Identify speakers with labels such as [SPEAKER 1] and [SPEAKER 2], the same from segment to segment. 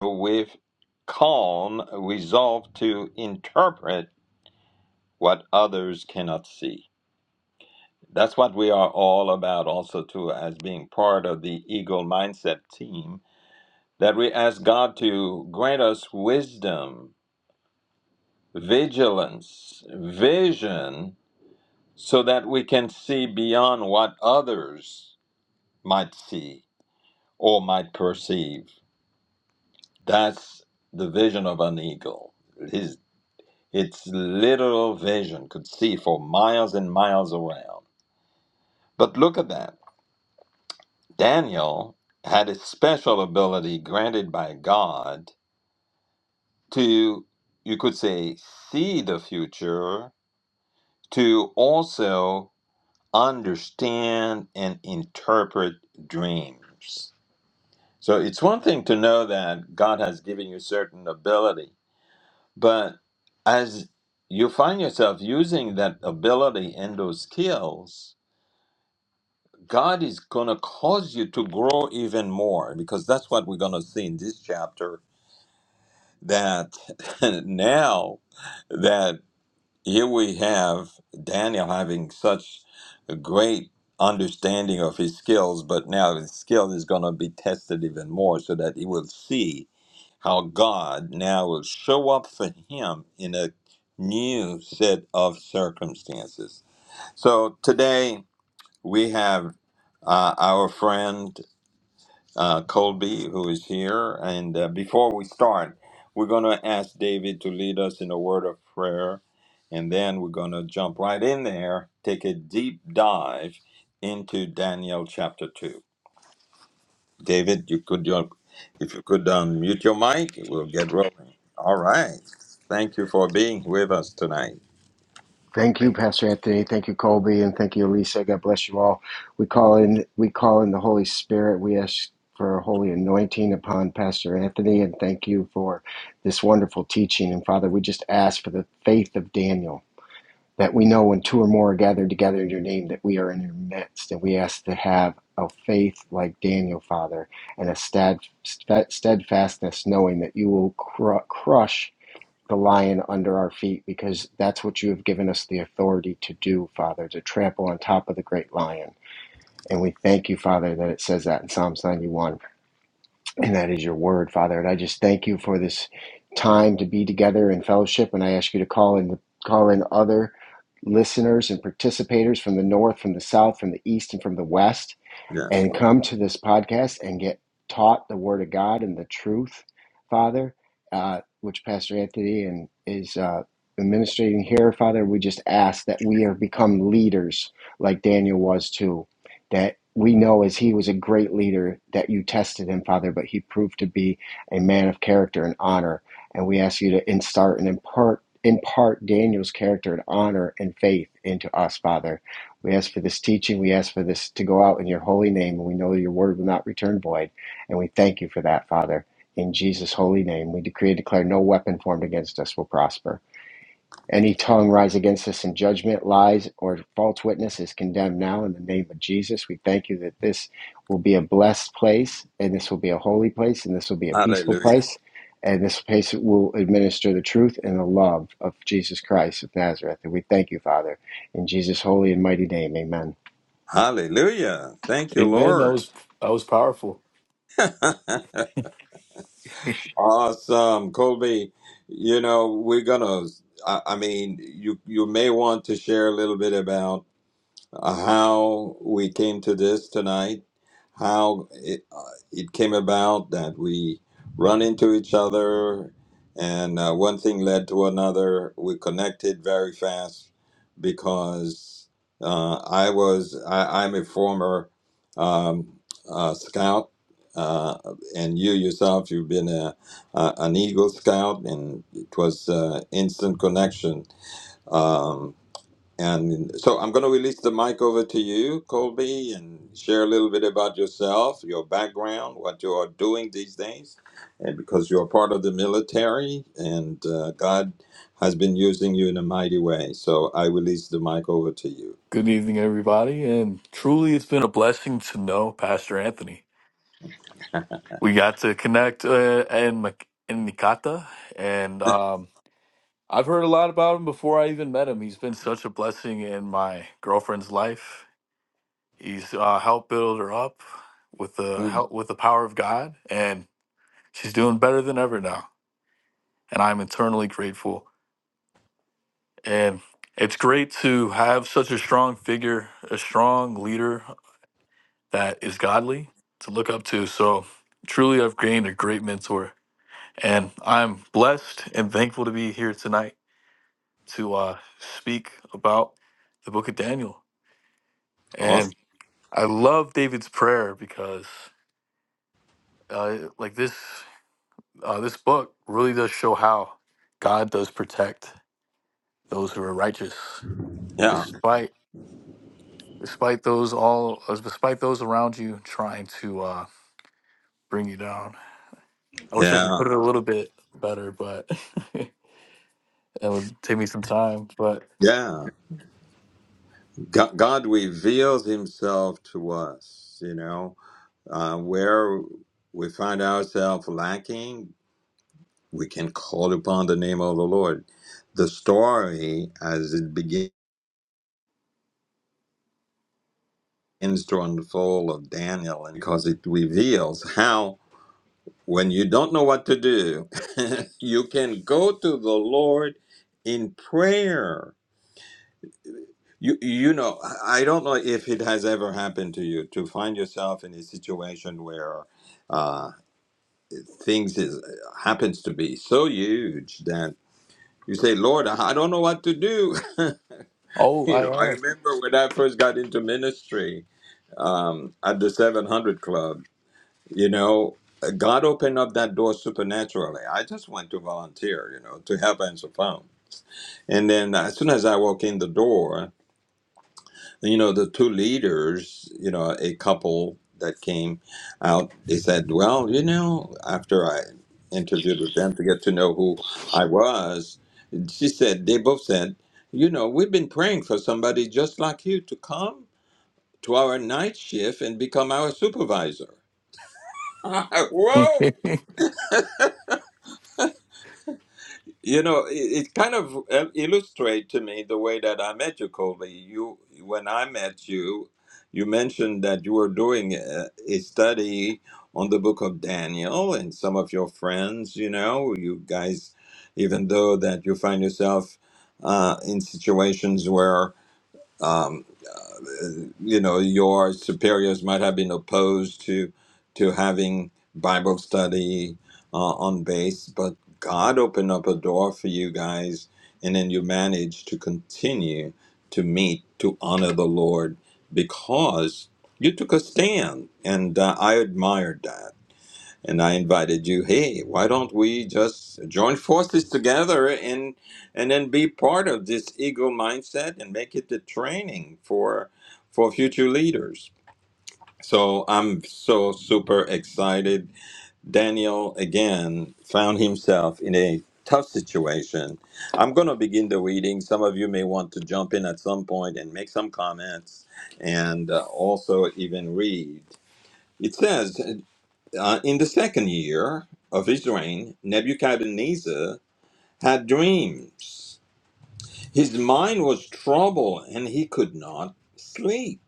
[SPEAKER 1] with calm resolve to interpret what others cannot see. That's what we are all about, also, too, as being part of the Eagle Mindset team, that we ask God to grant us wisdom, vigilance, vision, so that we can see beyond what others might see or might perceive. That's the vision of an eagle. His. Its literal vision could see for miles and miles around. But look at that. Daniel had a special ability granted by God to, you could say, see the future, to also understand and interpret dreams. So it's one thing to know that God has given you certain ability, but as you find yourself using that ability and those skills, God is going to cause you to grow even more because that's what we're going to see in this chapter. That now that here we have Daniel having such a great understanding of his skills, but now his skill is going to be tested even more so that he will see how God now will show up for him in a new set of circumstances. So today we have uh, our friend uh, Colby, who is here. And uh, before we start, we're going to ask David to lead us in a word of prayer. And then we're going to jump right in there, take a deep dive into Daniel chapter 2. David, you could, you if you could unmute your mic, we'll get rolling. All right. Thank you for being with us tonight.
[SPEAKER 2] Thank you, Pastor Anthony. Thank you, Colby, and thank you, Elisa. God bless you all. We call in we call in the Holy Spirit. We ask for a holy anointing upon Pastor Anthony, and thank you for this wonderful teaching. And Father, we just ask for the faith of Daniel, that we know when two or more are gathered together in your name, that we are in your midst. And we ask to have a faith like Daniel, Father, and a stead, steadfastness, knowing that you will cru- crush the lion under our feet because that's what you have given us the authority to do, Father, to trample on top of the great lion. And we thank you, Father, that it says that in Psalms 91. And that is your word, Father. And I just thank you for this time to be together in fellowship. And I ask you to call in, call in other listeners and participators from the north, from the south, from the east, and from the west
[SPEAKER 1] Yes,
[SPEAKER 2] and
[SPEAKER 1] Lord.
[SPEAKER 2] come to this podcast and get taught the Word of God and the truth, Father, uh, which Pastor Anthony and is uh, administrating here, Father. We just ask that we have become leaders like Daniel was too, that we know as he was a great leader that you tested him, Father, but he proved to be a man of character and honor. And we ask you to instart and impart impart Daniel's character and honor and faith into us, Father we ask for this teaching. We ask for this to go out in your holy name, and we know that your word will not return void. And we thank you for that, Father. In Jesus' holy name, we decree and declare no weapon formed against us will prosper. Any tongue rise against us in judgment, lies, or false witness is condemned now in the name of Jesus. We thank you that this will be a blessed place, and this will be a holy place, and this will be a peaceful
[SPEAKER 1] Hallelujah.
[SPEAKER 2] place, and this place will administer the truth and the love of Jesus Christ of Nazareth. And we thank you, Father. In Jesus' holy and mighty name, amen.
[SPEAKER 1] Hallelujah. Thank you,
[SPEAKER 3] Amen. That
[SPEAKER 1] Lord.
[SPEAKER 3] was that was powerful.
[SPEAKER 1] Awesome, Colby. You know, we're gonna. I, I mean, you you may want to share a little bit about how we came to this tonight, how it, uh, it came about that we run into each other, and uh, one thing led to another. We connected very fast because uh, I was I, I'm a former um, uh, scout. Uh, and you yourself, you've been a, a, an Eagle Scout, and it was uh, instant connection. Um, and so I'm going to release the mic over to you, Colby, and share a little bit about yourself, your background, what you are doing these days, and because you're part of the military and uh, God has been using you in a mighty way. So I release the mic over to you.
[SPEAKER 3] Good evening, everybody, and truly, it's been a blessing to know Pastor Anthony. We got to connect uh, in Mc- in Nikata, and um, I've heard a lot about him before I even met him. He's been such a blessing in my girlfriend's life. He's uh, helped build her up with the
[SPEAKER 1] Mm.
[SPEAKER 3] help with the power of God, and she's doing better than ever now. And I'm eternally grateful. And it's great to have such a strong figure, a strong leader that is godly to look up to. So truly, I've gained a great mentor, and I'm blessed and thankful to be here tonight to uh, speak about the Book of Daniel.
[SPEAKER 1] Awesome.
[SPEAKER 3] And I love David's prayer because, uh, like this, uh, this book really does show how God does protect those who are righteous,
[SPEAKER 1] Yeah.
[SPEAKER 3] despite despite those all uh, despite those around you trying to uh, bring you down. I wish I could
[SPEAKER 1] Yeah.
[SPEAKER 3] put it a little bit better, but That would take me some time, but
[SPEAKER 1] Yeah. God, God reveals himself to us, you know, uh, where we find ourselves lacking we can call upon the name of the Lord. The story as it begins to unfold of Daniel, and because it reveals how when you don't know what to do, you can go to the Lord in prayer. You, you know, I I don't know if it has ever happened to you to find yourself in a situation where uh, things is happens to be so huge that you say, Lord, I I don't know what to do.
[SPEAKER 3] oh,
[SPEAKER 1] you know, I
[SPEAKER 3] I am.
[SPEAKER 1] remember when I first got into ministry um, at the 700 Club, you know, God opened up that door supernaturally. I just went to volunteer, you know, to help answer phones, And then as soon as I walk in the door, you know the two leaders you know a couple that came out they said well you know after i interviewed with them to get to know who i was she said they both said you know we've been praying for somebody just like you to come to our night shift and become our supervisor whoa You know, it, it kind of il- illustrates to me the way that I met you, Colby. You, when I met you, you mentioned that you were doing a, a study on the book of Daniel, and some of your friends, you know, you guys, even though that you find yourself uh, in situations where um, you know your superiors might have been opposed to to having Bible study uh, on base, but God opened up a door for you guys, and then you managed to continue to meet to honor the Lord because you took a stand, and uh, I admired that and I invited you. Hey, why don't we just join forces together and and then be part of this ego mindset and make it the training for for future leaders. So I'm so super excited. Daniel again found himself in a tough situation. I'm going to begin the reading. Some of you may want to jump in at some point and make some comments and uh, also even read. It says, uh, in the second year of his reign, Nebuchadnezzar had dreams. His mind was troubled and he could not sleep.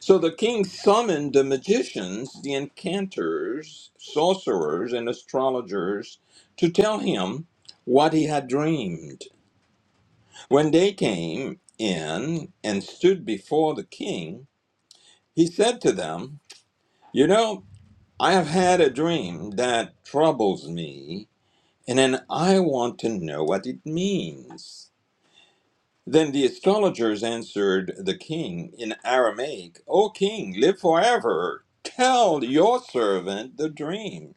[SPEAKER 1] So the king summoned the magicians, the enchanters, sorcerers, and astrologers to tell him what he had dreamed. When they came in and stood before the king, he said to them, You know, I have had a dream that troubles me And then I want to know what it means. Then the astrologers answered the king in Aramaic, O king, live forever. Tell your servant the dream,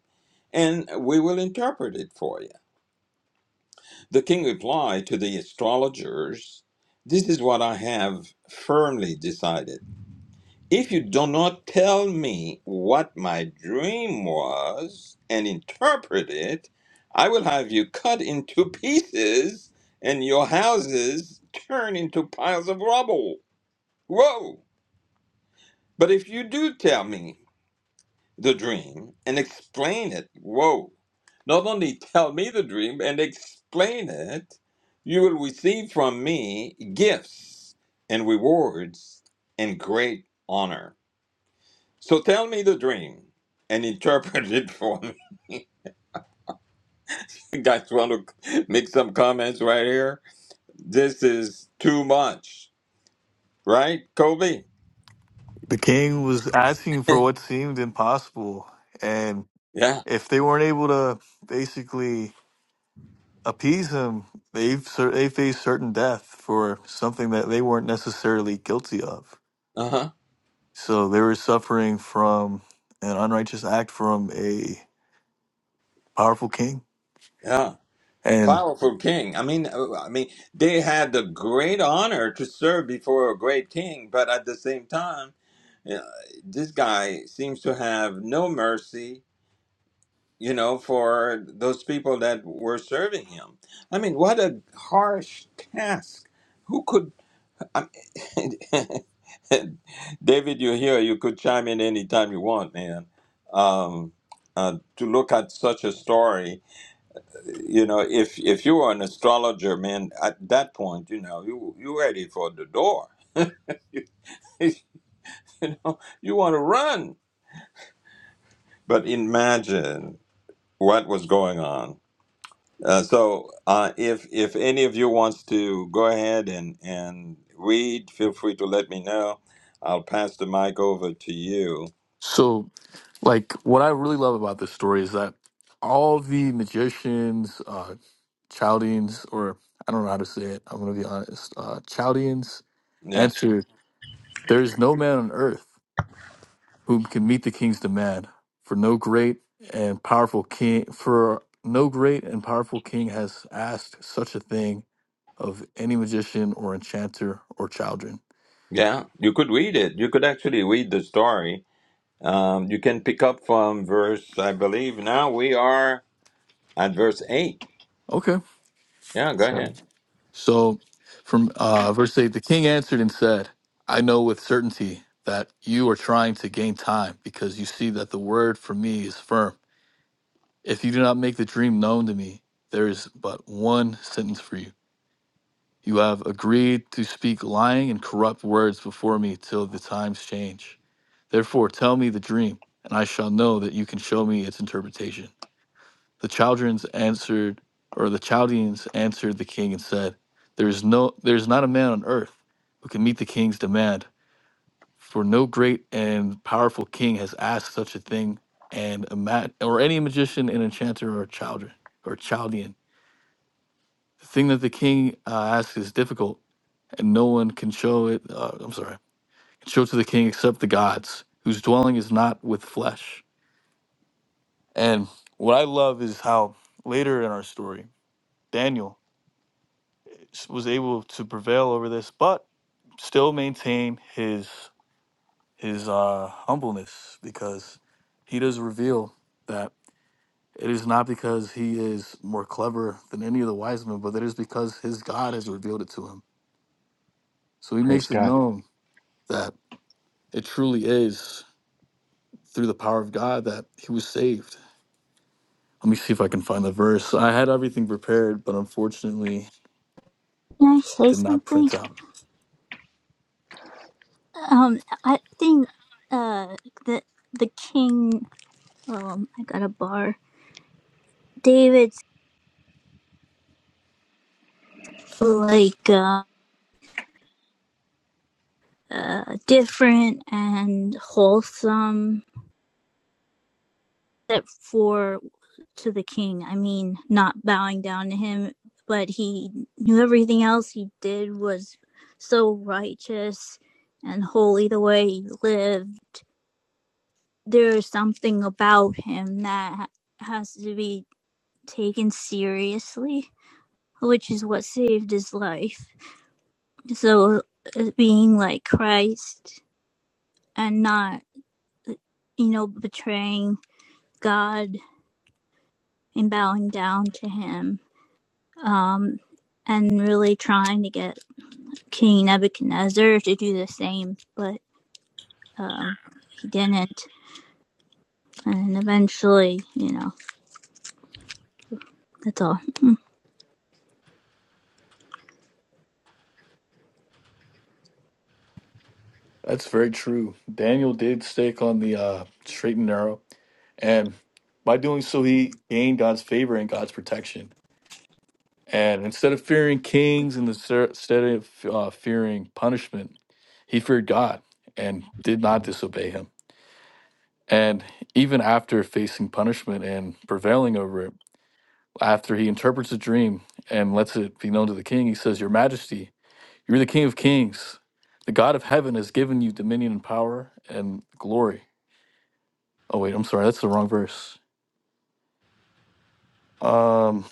[SPEAKER 1] and we will interpret it for you. The king replied to the astrologers, This is what I have firmly decided. If you do not tell me what my dream was and interpret it, I will have you cut into pieces and your houses turn into piles of rubble. Whoa! But if you do tell me the dream and explain it, whoa! Not only tell me the dream and explain it, you will receive from me gifts and rewards and great honor. So tell me the dream and interpret it for me. You guys want to make some comments right here? This is too much, right, Kobe?
[SPEAKER 3] the king was asking for what seemed impossible, and
[SPEAKER 1] Yeah.
[SPEAKER 3] if they weren't able to basically appease him, they cer- they faced certain death for something that they weren't necessarily guilty of.
[SPEAKER 1] Uh huh.
[SPEAKER 3] So they were suffering from an unrighteous act from a powerful king,
[SPEAKER 1] Yeah.
[SPEAKER 3] and
[SPEAKER 1] Powerful king. I mean, uh, I mean, they had the great honor to serve before a great king, but at the same time, uh, this guy seems to have no mercy, you know, for those people that were serving him. I mean, what a harsh task. Who could I'm, David, you're here. You could chime in anytime you want, man. Um, uh, to look at such a story, you know, if if you were an astrologer, man, at that point, you know, you you ready for the door. you know, you want to run. But imagine what was going on. Uh, so, uh, if if any of you wants to go ahead and and read, feel free to let me know. I'll pass the mic over to you.
[SPEAKER 3] so like what I really love about this story is that all the magicians, uh, Chaldeans, or I don't know how to say it. I'm going to be honest. Uh, Chaldeans
[SPEAKER 1] Yeah.
[SPEAKER 3] answered, There is no man on earth whom can meet the king's demand, for no great and powerful king, for no great and powerful king has asked such a thing of any magician or enchanter or children.
[SPEAKER 1] Yeah, you could read it. You could actually read the story. Um, you can pick up from verse, I believe. Now we are at verse eight.
[SPEAKER 3] Okay.
[SPEAKER 1] Yeah, go
[SPEAKER 2] So
[SPEAKER 1] ahead.
[SPEAKER 3] So from uh, verse 8, the king answered and said, I know with certainty that you are trying to gain time because you see that the word from me is firm If you do not make the dream known to me, there is but one sentence for you. You have agreed to speak lying and corrupt words before me till the times change. Therefore, tell me the dream, and I shall know that you can show me its interpretation. The Chaldeans answered, or the Chaldeans answered the king and said, There is no, there is not a man on earth who can meet the king's demand for no great and powerful king has asked such a thing, and a ma- or any magician, an enchanter, or child or Chaldean. The thing that the king uh, asks is difficult, and no one can show it. Uh, I'm sorry, can show to the king except the gods, whose dwelling is not with flesh. And what I love is how later in our story, Daniel was able to prevail over this, but still maintain his is uh, humbleness because he does reveal that it is not because he is more clever than any of the wise men, but it is because his God has revealed it to him. So he
[SPEAKER 2] praise
[SPEAKER 3] makes it
[SPEAKER 2] God.
[SPEAKER 3] known that it truly is through the power of God that he was saved. Let me see if I can find the verse. I had everything prepared, but unfortunately
[SPEAKER 4] Can I say
[SPEAKER 3] did not
[SPEAKER 4] something?
[SPEAKER 3] print out.
[SPEAKER 4] Um, I think uh the the king. Um, I got a bar. David's like uh, uh different and wholesome, except for to the king. I mean, not bowing down to him, but he knew everything else he did was so righteous and holy. The way he lived, there is something about him that has to be. taken seriously, which is what saved his life. So uh, being like Christ and not, you know, betraying God and bowing down to him. Um, and really trying to get King Nebuchadnezzar to do the same, but um, he didn't. And eventually, you know, that's all.
[SPEAKER 3] That's very true. Daniel did stake on the uh, straight and narrow, and by doing so, he gained God's favor and God's protection And instead of fearing kings and the ser- instead of uh, fearing punishment, he feared God and did not disobey him. And even after facing punishment and prevailing over it, after he interprets a dream and lets it be known to the king, he says, Your Majesty, you're the King of Kings. The God of heaven has given you dominion and power and glory. Oh, wait, I'm sorry. That's the wrong verse. Um,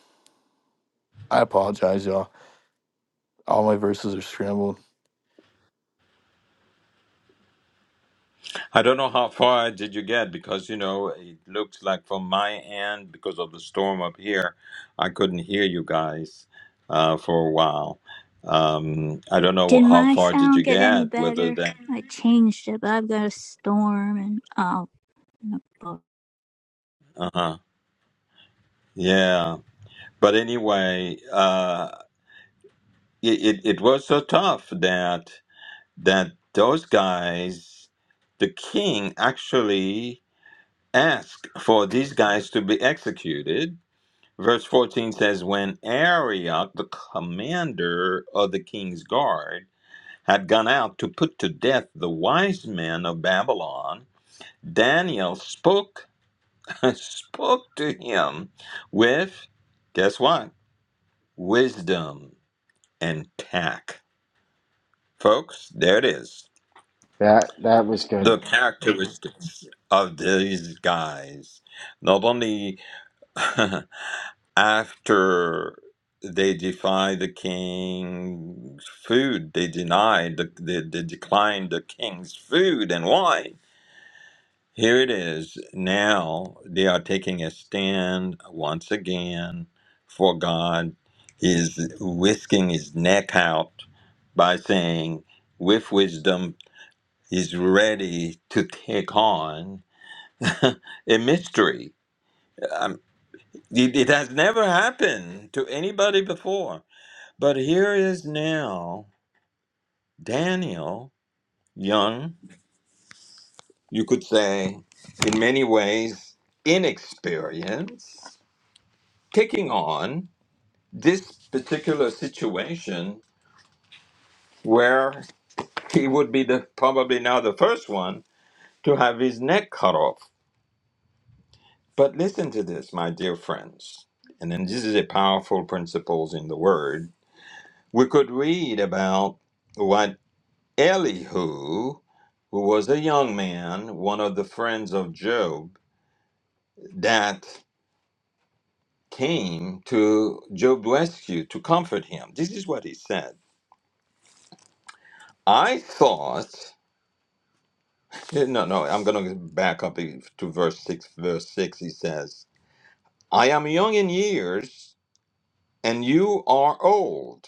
[SPEAKER 3] I apologize, y'all. All my verses are scrambled.
[SPEAKER 1] I don't know how far did you get because you know it looks like from my end because of the storm up here, I couldn't hear you guys uh, for a while. Um, I don't
[SPEAKER 4] Did
[SPEAKER 1] know how
[SPEAKER 4] my
[SPEAKER 1] far did you
[SPEAKER 4] sound get any
[SPEAKER 1] get. Whether
[SPEAKER 4] better?
[SPEAKER 1] that,
[SPEAKER 4] I changed it, but I've got a storm and oh, no.
[SPEAKER 1] uh huh, yeah. But anyway, uh, it, it it was so tough that. that those guys, the king actually asked for these guys to be executed. Verse 14 says, When Arioch, the commander of the king's guard, had gone out to put to death the wise men of Babylon, Daniel spoke spoke to him with guess what? Wisdom and tact. Folks, there it is
[SPEAKER 2] That that was good.
[SPEAKER 1] the characteristics of these guys, not only after they defy the king's food, they denied the they, they decline the king's food and wine. Here it is. Now they are taking a stand once again for God. He is whisking his neck out by saying, with wisdom, he's ready to take on a mystery. Um, it, it has never happened to anybody before. But here is now Daniel, young, you could say, in many ways, inexperienced, taking on this particular situation where he would be the probably now the first one to have his neck cut off. But listen to this, my dear friends. And then this is a powerful principles in the word we could read about what Elihu, who was a young man, one of the friends of Job, that came to Job's rescue to comfort him. This is what he said. I thought, no, no, I'm going to back up e, to verse 6. Verse 6, he says, I am young in years, and you are old.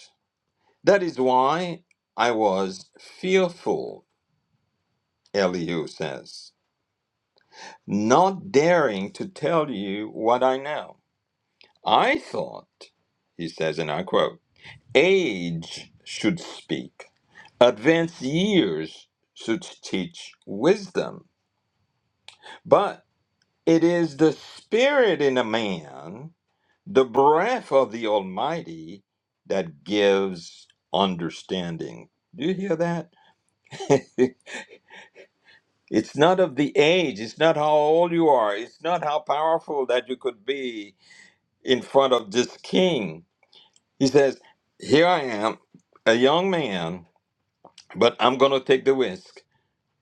[SPEAKER 1] That is why I was fearful, Elihu says. not daring to tell you what I know. I thought, he says, and I quote, age should speak, advanced years should teach wisdom. But it is the spirit in a man, the breath of the Almighty, that gives understanding. Do you hear that? it's not of the age, it's not how old you are, it's not how powerful that you could be in front of this king. He says, Here I am, a young man, but I'm going to take the risk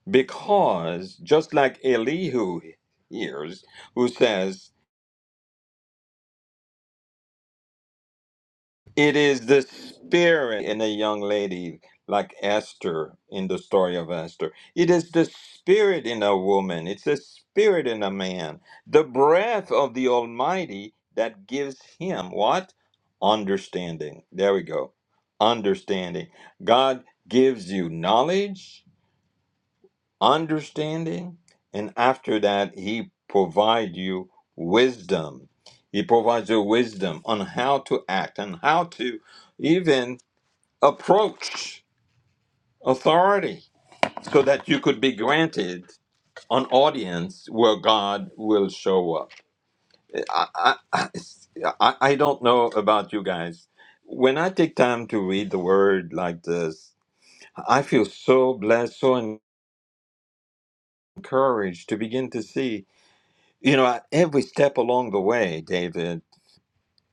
[SPEAKER 1] because just like Elihu hears, who says, It is the spirit in a young lady like Esther in the story of Esther. It is the spirit in a woman. It's the spirit in a man. The breath of the Almighty that gives him what? Understanding. There we go. Understanding. God gives you knowledge understanding, and after that, he provides you wisdom. He provides you wisdom on how to act and how to even approach authority so that you could be granted an audience where God will show up. I, I, I, I don't know about you guys. When I take time to read the word like this, I feel so blessed, so encouraged to begin to see You know, I- every step along the way, David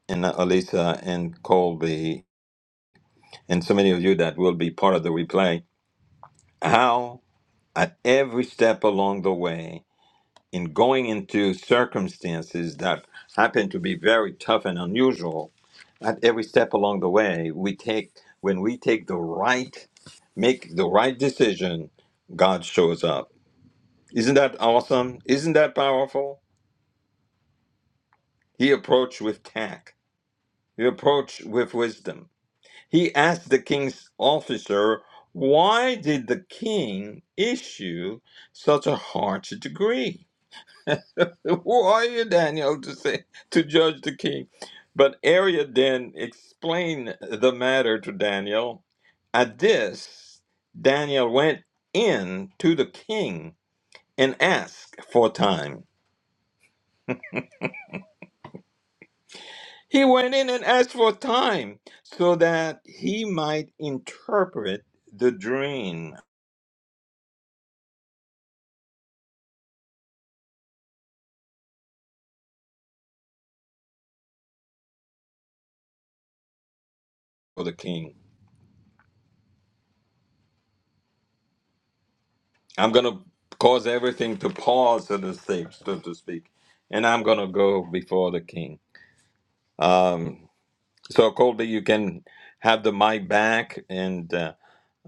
[SPEAKER 1] and uh, Alisa and Colby, and so many of you that will be part of the replay, how at every step along the way, in going into circumstances that happen to be very tough and unusual, at every step along the way, we take, when we take the right, make the right decision, God shows up. Isn't that awesome? Isn't that powerful? He approached with tact, he approached with wisdom. He asked the king's officer, Why did the king issue such a harsh decree? Who are you, Daniel, to say to judge the king? But Arya then explained the matter to Daniel. At this, Daniel went in to the king and asked for time. He went in and asked for time so that he might interpret the dream for the king. I'm gonna cause everything to pause, so to speak, so to speak, and I'm gonna go before the king. Um, so Colby, you can have the mic back, and uh,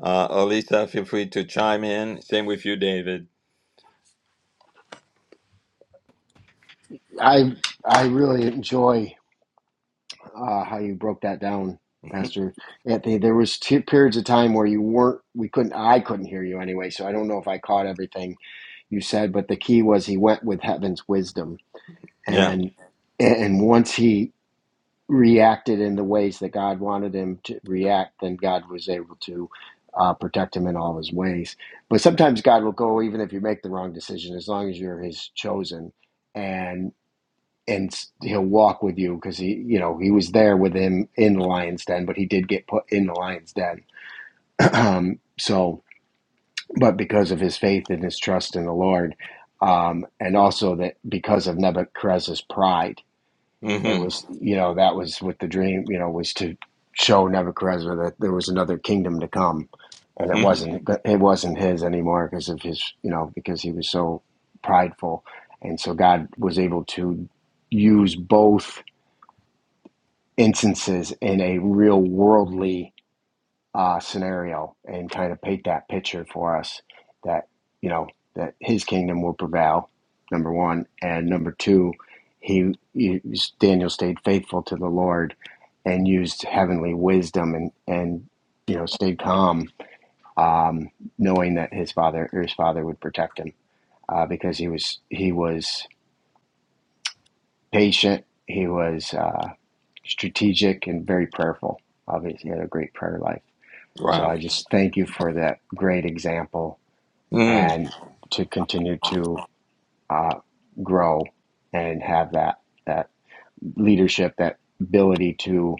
[SPEAKER 1] uh, Alisa, feel free to chime in. Same with you, David.
[SPEAKER 2] I I really enjoy uh, how you broke that down, Pastor Anthony. There was two periods of time where you weren't. We couldn't. I couldn't hear you anyway. So I don't know if I caught everything you said. But the key was he went with heaven's wisdom,
[SPEAKER 1] Yeah.
[SPEAKER 2] and and once he reacted in the ways that God wanted him to react, then God was able to uh, protect him in all his ways. But sometimes God will go even if you make the wrong decision, as long as you're His chosen, and and He'll walk with you because he, you know, He was there with him in the lion's den, but he did get put in the lion's den. um, so, but because of his faith and his trust in the Lord. Um, and also that because of Nebuchadnezzar's pride, it
[SPEAKER 1] hmm
[SPEAKER 2] was you know that was what the dream you know was to show Nebuchadnezzar that there was another kingdom to come, and it
[SPEAKER 1] hmm
[SPEAKER 2] wasn't it wasn't his anymore because of his you know because he was so prideful, and so God was able to use both instances in a real worldly uh, scenario and kind of paint that picture for us that you know that his kingdom will prevail number one and number two he, he daniel stayed faithful to the lord and used heavenly wisdom and and you know stayed calm um, knowing that his father his father would protect him uh, because he was he was patient he was uh, strategic and very prayerful obviously he had a great prayer life So
[SPEAKER 1] Wow.
[SPEAKER 2] I just thank you for that great example
[SPEAKER 1] Mm.
[SPEAKER 2] and to continue to uh, grow and have that that leadership, that ability to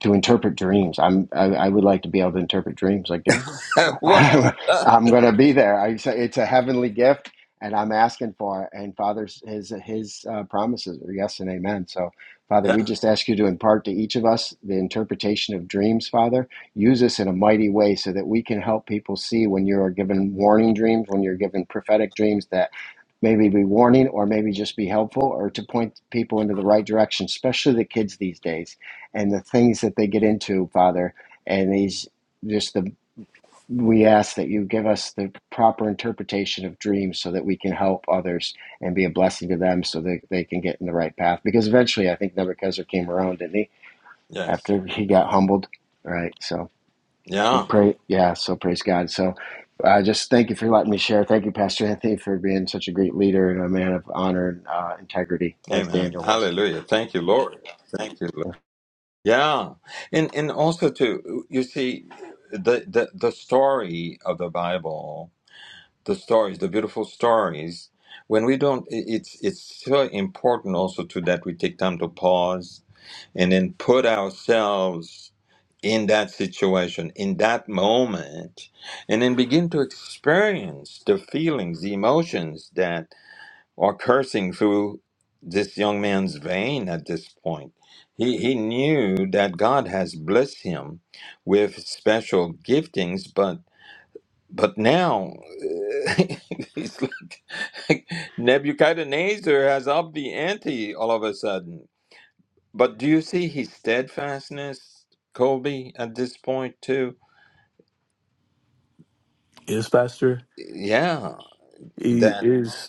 [SPEAKER 2] to interpret dreams. I'm I, I would like to be able to interpret dreams like Daniel.
[SPEAKER 1] what?
[SPEAKER 2] I'm going to be there. I say it's a heavenly gift, and I'm asking for it. And Father's His His uh, promises are yes and amen. So, Father,
[SPEAKER 1] yeah.
[SPEAKER 2] we just ask you to impart to each of us the interpretation of dreams. Father, use us in a mighty way so that we can help people see when you are given warning dreams, when you're given prophetic dreams that maybe be warning or maybe just be helpful or to point people into the right direction, especially the kids these days and the things that they get into, Father. And these just the we ask that you give us the proper interpretation of dreams so that we can help others and be a blessing to them so that they can get in the right path. Because eventually I think Nebuchadnezzar came around, didn't he?
[SPEAKER 1] Yes.
[SPEAKER 2] After he got humbled. Right. So
[SPEAKER 1] Yeah.
[SPEAKER 2] Pray, yeah. So praise God. So, uh, just thank you for letting me share. Thank you, Pastor Anthony, for being such a great leader and a man of honor and uh, integrity, as
[SPEAKER 1] Amen.
[SPEAKER 2] Daniel was.
[SPEAKER 1] Hallelujah. Thank you, Lord. Thank you, Yeah, and and also too, you see, the the the story of the Bible, the stories, the beautiful stories. When we don't, i- it's it's so important also to that we take time to pause and then put ourselves in that situation, in that moment, and then begin to experience the feelings, the emotions or cursing through this young man's vein at this point. He, he knew that God has blessed him with special giftings, but but now uh, it's like Nebuchadnezzar has upped the ante all of a sudden. But do you see his steadfastness, Colby, at this point too?
[SPEAKER 3] Yes, Pastor.
[SPEAKER 1] Yeah,
[SPEAKER 3] He
[SPEAKER 1] that
[SPEAKER 3] is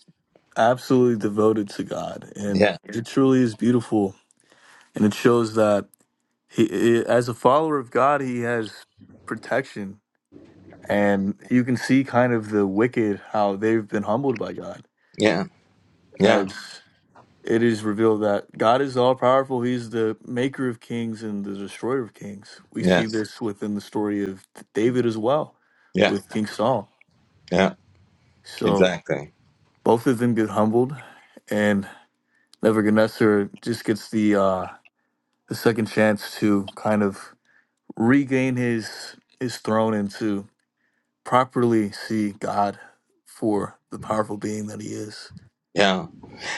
[SPEAKER 3] absolutely devoted to God, and
[SPEAKER 1] yeah,
[SPEAKER 3] Yeah. it truly is beautiful. And it shows that he, i as a follower of God, he has protection, and you can see kind of the wicked how they've been humbled by God,
[SPEAKER 1] yeah, yeah,
[SPEAKER 3] as it is revealed that God is all powerful. He's the maker of kings and the destroyer of kings. We see
[SPEAKER 1] yes,
[SPEAKER 3] this within the story of David as well,
[SPEAKER 1] yeah,
[SPEAKER 3] with King Saul.
[SPEAKER 1] yeah,
[SPEAKER 3] So
[SPEAKER 1] exactly.
[SPEAKER 3] both of them get humbled, and Nebuchadnezzar just gets the uh, the second chance to kind of regain his his throne and to properly see God for the powerful being that he is.
[SPEAKER 1] yeah.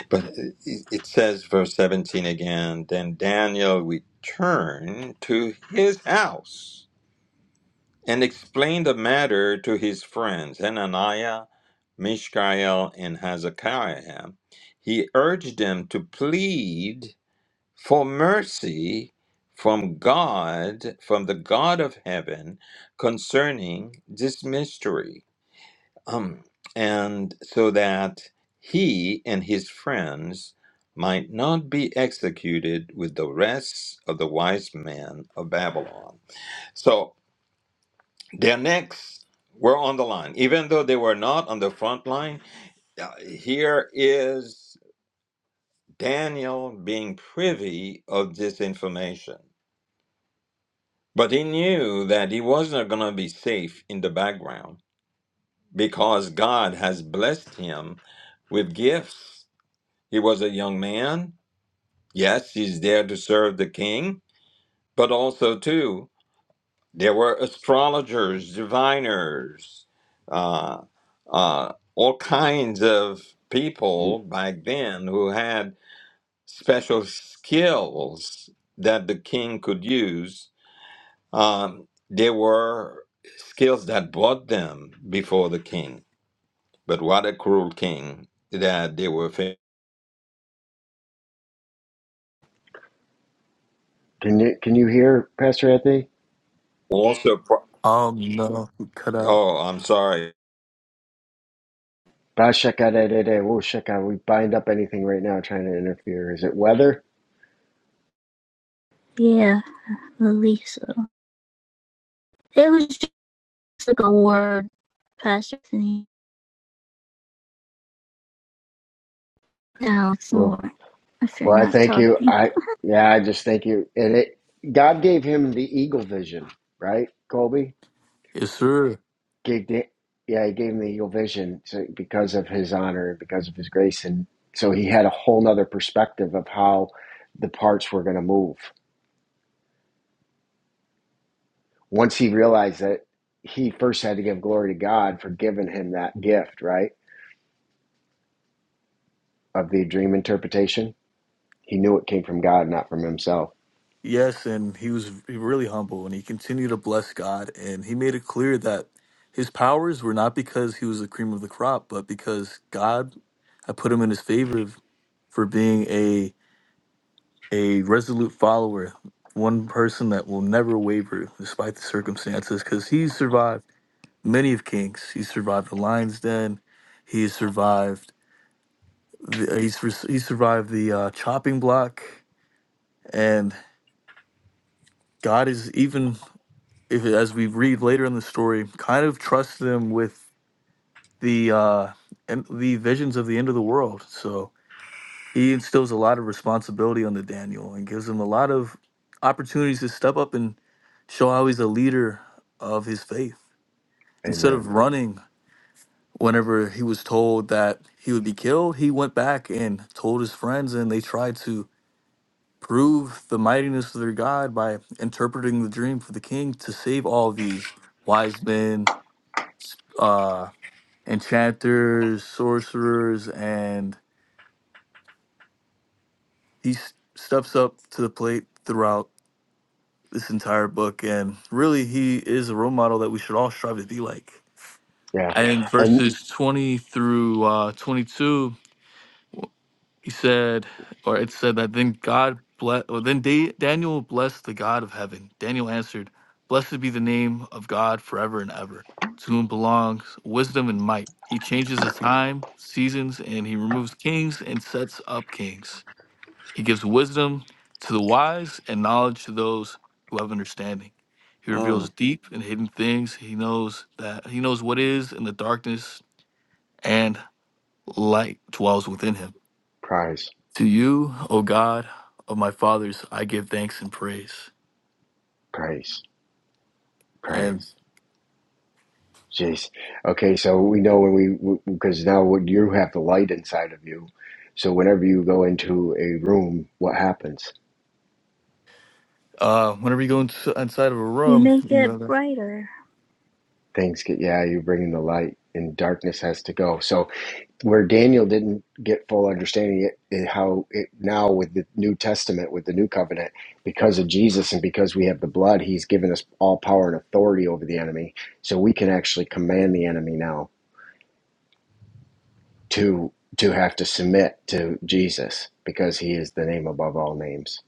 [SPEAKER 1] But it it says, verse 17 again, then Daniel returned to his house and explained the matter to his friends, Hananiah, Mishael, and Hezekiah. He urged them to plead for mercy from God, from the God of heaven, concerning this mystery um, and so that he and his friends might not be executed with the rest of the wise men of Babylon. So their necks were on the line, even though they were not on the front line. uh, Here is Daniel being privy of this information. But he knew that he wasn't going to be safe in the background because God has blessed him with gifts He was a young man. Yes, he's there to serve the king, but also, too, there were astrologers, diviners, uh, uh, all kinds of people back then who had special skills that the king could use. Um, there were skills that brought them before the king, but what a cruel king that they were. fa-
[SPEAKER 2] Can you can you hear Pastor Anthony?
[SPEAKER 1] Also, pro-
[SPEAKER 3] Um no, he cut out.
[SPEAKER 1] oh, I'm sorry.
[SPEAKER 2] Ba shaka da da da. Whoa shaka. We bind up anything right now trying to interfere. Is it weather?
[SPEAKER 4] yeah. Lisa, It was just like a word, Pastor Anthony. Now it's
[SPEAKER 2] Whoa.
[SPEAKER 4] more. If you're
[SPEAKER 2] Well, I
[SPEAKER 4] not
[SPEAKER 2] thank you.
[SPEAKER 4] talking,
[SPEAKER 2] I yeah. I just thank you. And it God gave him the eagle vision, right, Colby?
[SPEAKER 3] Yes, sir.
[SPEAKER 2] gave the, yeah, he gave him the eagle vision so, because of his honor and because of his grace, and so he had a whole nother perspective of how the parts were going to move. Once he realized that he first had to give glory to God for giving him that gift, right, of the dream interpretation, he knew it came from God, not from himself.
[SPEAKER 3] Yes, and he was really humble and he continued to bless God and he made it clear that his powers were not because he was the cream of the crop, but because God had put him in his favor for being a resolute follower, one person that will never waver despite the circumstances, because he's survived many of Kings. He survived the lion's den. He survived. The, uh, he's res- he survived the uh, chopping block, and God is even if as we read later in the story, kind of trusts them with the uh, and the visions of the end of the world. So he instills a lot of responsibility on the Daniel and gives him a lot of opportunities to step up and show how he's a leader of his faith. Instead of
[SPEAKER 2] Amen.
[SPEAKER 3] running whenever he was told that he would be killed, he went back and told his friends, and they tried to prove the mightiness of their God by interpreting the dream for the king to save all these wise men, uh, enchanters, sorcerers, and he s- steps up to the plate throughout this entire book. And really, he is a role model that we should all strive to be like.
[SPEAKER 2] Yeah,
[SPEAKER 3] And in
[SPEAKER 2] and
[SPEAKER 3] verses 20 through uh, 22, he said, or it said that then God bless, or then da- Daniel blessed the God of heaven. Daniel answered, Blessed be the name of God forever and ever, to whom belongs wisdom and might. He changes the time, seasons, and he removes kings and sets up kings. He gives wisdom to the wise and knowledge to those who have understanding. He
[SPEAKER 1] Mm.
[SPEAKER 3] reveals deep and hidden things. He knows that he knows what is in the darkness and light dwells within him.
[SPEAKER 2] praise,
[SPEAKER 3] To you, O God of my fathers, I give thanks and praise.
[SPEAKER 2] praise,
[SPEAKER 3] And
[SPEAKER 2] praise. Jeez. Okay, so we know when we because now what you have the light inside of you, so whenever you go into a room, what happens?
[SPEAKER 3] uh whenever you go ins- inside of a
[SPEAKER 4] you
[SPEAKER 3] room,
[SPEAKER 4] make
[SPEAKER 3] when you
[SPEAKER 4] it
[SPEAKER 3] have a
[SPEAKER 4] brighter.
[SPEAKER 2] Things get yeah, you bring in the light, and darkness has to go. So where Daniel didn't get full understanding it, it how it now with the New Testament, with the New Covenant, because of Jesus and because we have the blood, He's given us all power and authority over the enemy, so we can actually command the enemy now to to have to submit to Jesus because he is the name above all names.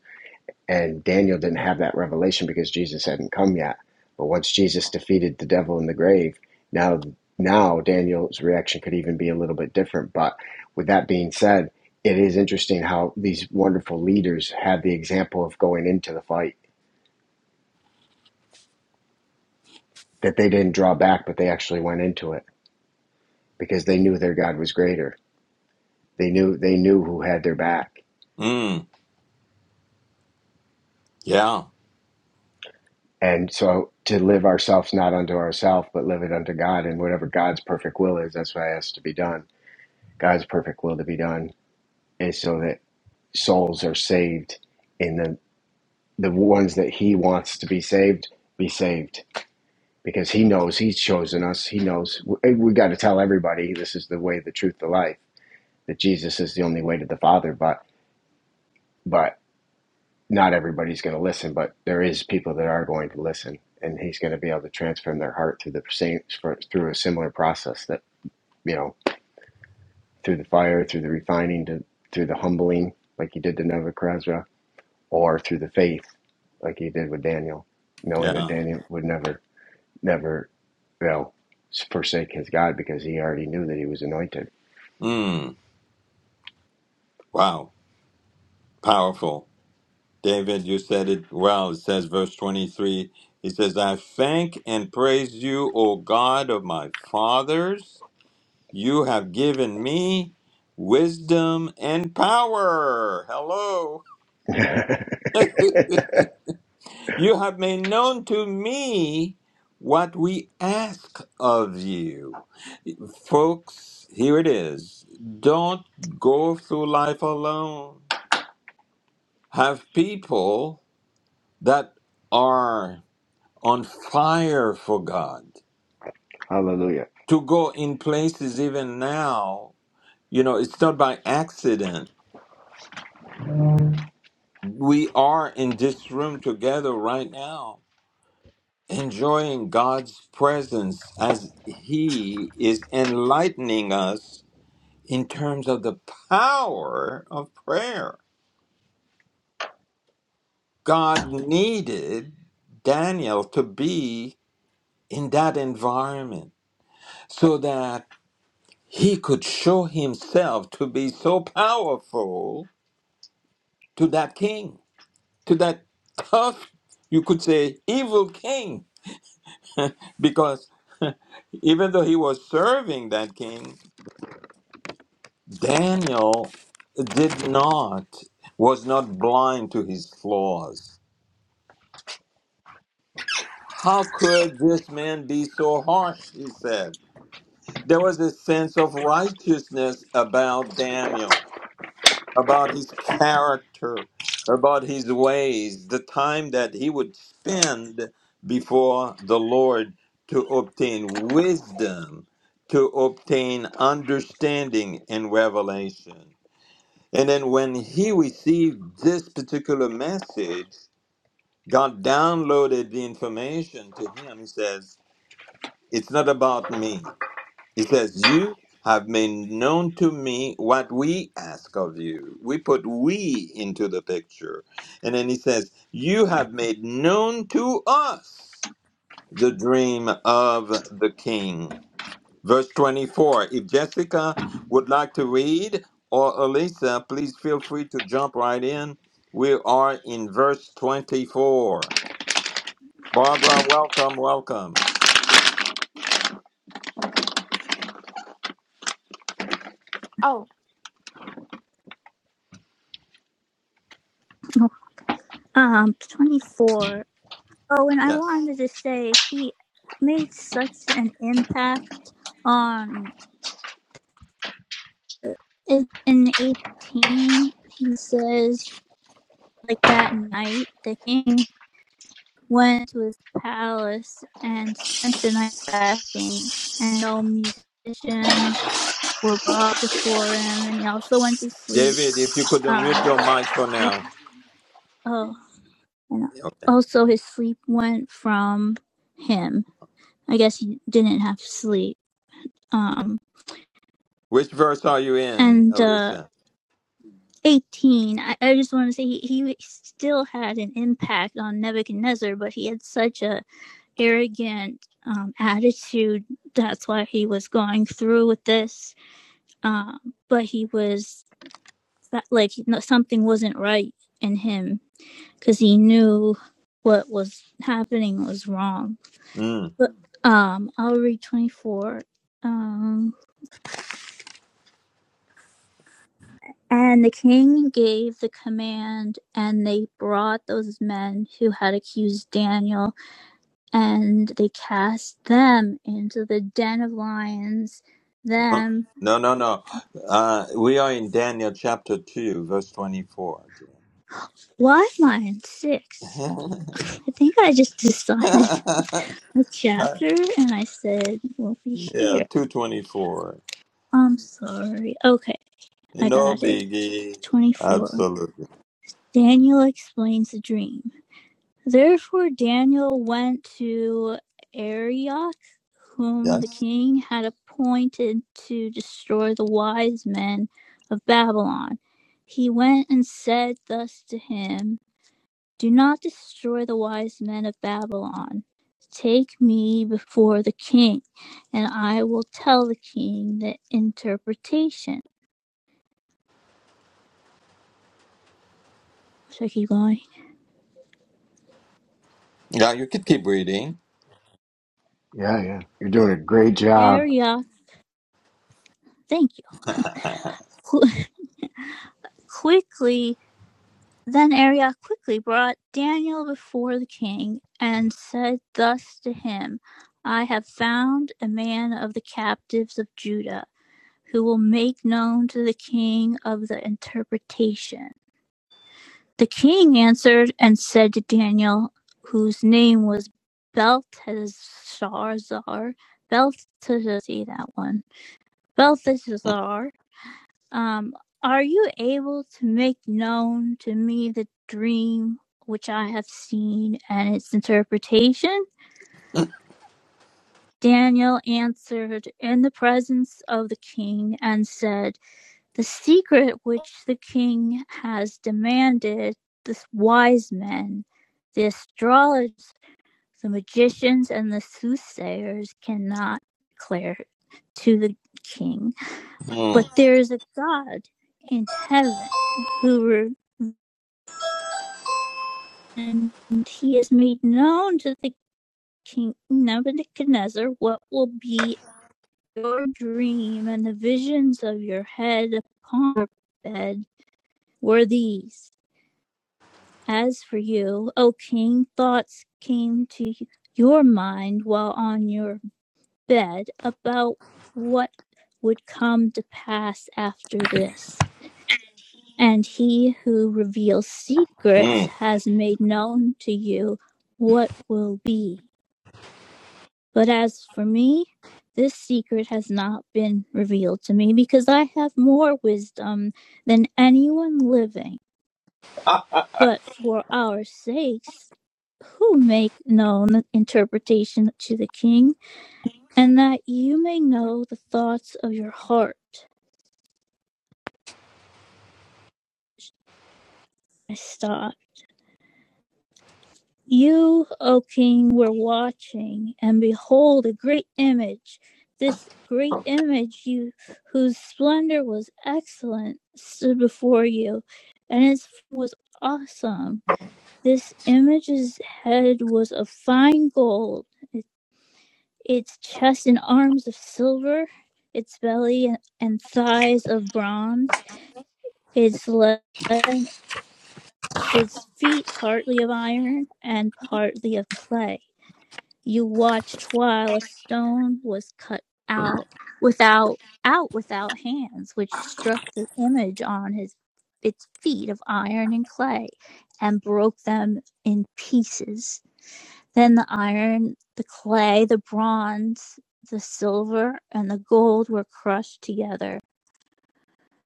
[SPEAKER 2] And Daniel didn't have that revelation because Jesus hadn't come yet. But once Jesus defeated the devil in the grave, now now Daniel's reaction could even be a little bit different. But with that being said, it is interesting how these wonderful leaders had the example of going into the fight that they didn't draw back, but they actually went into it because they knew their God was greater. They knew they knew who had their back
[SPEAKER 1] Mm, yeah,
[SPEAKER 2] And so to live ourselves not unto ourselves, but live it unto God. And whatever God's perfect will is, that's what has to be done. God's perfect will to be done is so that souls are saved in the the ones that He wants to be saved, be saved. Because He knows He's chosen us. He knows we, we got to tell everybody this is the way, the truth, the life. That Jesus is the only way to the Father, but but not everybody's going to listen, but there is people that are going to listen, and he's going to be able to transform their heart through the same through a similar process that you know through the fire, through the refining, to, through the humbling, like he did to Nebuchadnezzar, or through the faith, like he did with Daniel, knowing that
[SPEAKER 1] yeah.
[SPEAKER 2] Daniel would never, never, you know, forsake his God because he already knew that he was anointed.
[SPEAKER 1] Mm, wow, powerful. David, you said it well. It says, verse 23, he says, I thank and praise you, O God of my fathers. You have given me wisdom and power. Hello. you have made known to me what we ask of you. Folks, here it is. Don't go through life alone have people that are on fire for God
[SPEAKER 2] Hallelujah.
[SPEAKER 1] to go in places even now. You know, it's not by accident. We are in this room together right now, enjoying God's presence as He is enlightening us in terms of the power of prayer. God needed Daniel to be in that environment so that he could show himself to be so powerful to that king, to that tough, you could say, evil king, because even though he was serving that king, Daniel did not, was not blind to his flaws. How could this man be so harsh? He said. There was a sense of righteousness about Daniel. about his character, about his ways, the time that he would spend before the Lord to obtain wisdom, to obtain understanding and revelation. And then when he received this particular message, God downloaded the information to him. He says, It's not about me. He says, You have made known to me what we ask of you. We put we into the picture. And then he says, You have made known to us the dream of the king. Verse 24. If Jessica would like to read, or Elisa, please feel free to jump right in. We are in verse 24. Barbara, welcome, welcome.
[SPEAKER 3] Okay. Oh,
[SPEAKER 4] Um, 24. Oh, and I
[SPEAKER 1] Yes.
[SPEAKER 4] wanted to say he made such an impact on uh, in in 18. He says like that night the king went to his palace and spent the night fasting and no musicians were brought before him, and he also went to sleep.
[SPEAKER 1] David, if you could unmute
[SPEAKER 4] Um,
[SPEAKER 1] your mic for
[SPEAKER 4] went,
[SPEAKER 1] now.
[SPEAKER 4] oh, and
[SPEAKER 1] Okay.
[SPEAKER 4] also his sleep went from him. I guess he didn't have sleep. Um,
[SPEAKER 1] Which verse are you in,
[SPEAKER 4] and uh,
[SPEAKER 1] Elisa?
[SPEAKER 4] 18, I, I just want to say he, he still had an impact on Nebuchadnezzar, but he had such a arrogant um, attitude. That's why he was going through with this. Um, but he was like, no- something wasn't right in him because he knew what was happening was wrong.
[SPEAKER 1] Mm.
[SPEAKER 4] But um, I'll read 24. Um, and the king gave the command, and they brought those men who had accused Daniel, and they cast them into the den of lions.
[SPEAKER 1] Uh,
[SPEAKER 4] Them,
[SPEAKER 1] No, no, no. Uh, we are in Daniel chapter 2, verse 24.
[SPEAKER 4] why am I in six?
[SPEAKER 1] yeah,
[SPEAKER 4] I think I just decided a chapter, and I said we'll be here.
[SPEAKER 1] 224.
[SPEAKER 4] I'm sorry. Okay, I
[SPEAKER 1] No
[SPEAKER 4] got it.
[SPEAKER 1] biggie.
[SPEAKER 4] 24.
[SPEAKER 1] Absolutely.
[SPEAKER 4] Daniel explains the dream. Therefore, Daniel went to Arioch, whom the
[SPEAKER 1] Yes.
[SPEAKER 4] king had appointed to destroy the wise men of Babylon. He went and said thus to him Do not destroy the wise men of Babylon. Take me before the king, and I will tell the king the interpretation. So I keep going.
[SPEAKER 1] Yeah, you could keep reading.
[SPEAKER 2] Yeah, yeah. You're doing a great job.
[SPEAKER 4] Arioch, thank you. Quickly Then Arioch quickly brought Daniel before the king and said thus to him, I have found a man of the captives of Judah who will make known to the king of the interpretation. The king answered and said to Daniel, whose name was Belteshazzar, Belteshazzar, see that one, Belteshazzar, um, are you able to make known to me the dream which I have seen and its interpretation? Daniel answered in the presence of the king and said, The secret which the king has demanded, the wise men, the astrologers, the magicians, and the soothsayers cannot declare to the king. But
[SPEAKER 1] Mm,
[SPEAKER 4] there is a God in heaven who and he has made known to the king Nebuchadnezzar what will be your dream and the visions of your head upon your bed were these. As for you, O king, thoughts came to your mind while on your bed about what would come to pass after this. And he who reveals secrets
[SPEAKER 1] mm.
[SPEAKER 4] has made known to you what will be. But as for me, this secret has not been revealed to me because I have more wisdom than anyone living.
[SPEAKER 1] I
[SPEAKER 4] But for our sakes, who make known the interpretation to the king, and that you may know the thoughts of your heart. I stopped. You, O king, were watching, and behold, a great image. This great image, you, whose splendor was excellent, stood before you, and it was awesome. This image's head was of fine gold, its chest and arms of silver, its belly and thighs of bronze, its legs, its feet partly of iron and partly of clay You watched while a stone was cut out without out without hands, which struck the image on his its feet of iron and clay, and broke them in pieces. Then the iron, the clay, the bronze, the silver, and the gold were crushed together,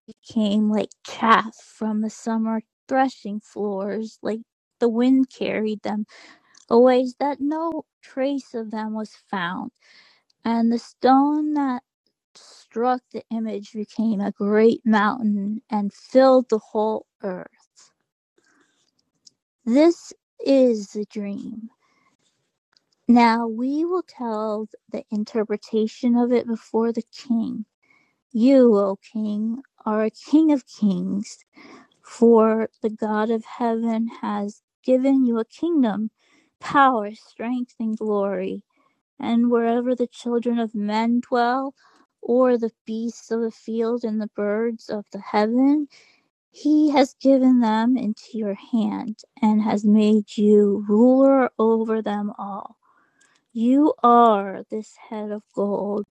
[SPEAKER 4] became like chaff from the summer threshing floors, like the wind carried them away, ways that no trace of them was found and the stone that struck the image became a great mountain and filled the whole earth. This is the dream. Now we will tell the interpretation of it before the king. You, O king, are a king of kings, for the God of heaven has given you a kingdom, power, strength, and glory. And wherever the children of men dwell, or the beasts of the field and the birds of the heaven, he has given them into your hand and has made you ruler over them all. You are this head of gold,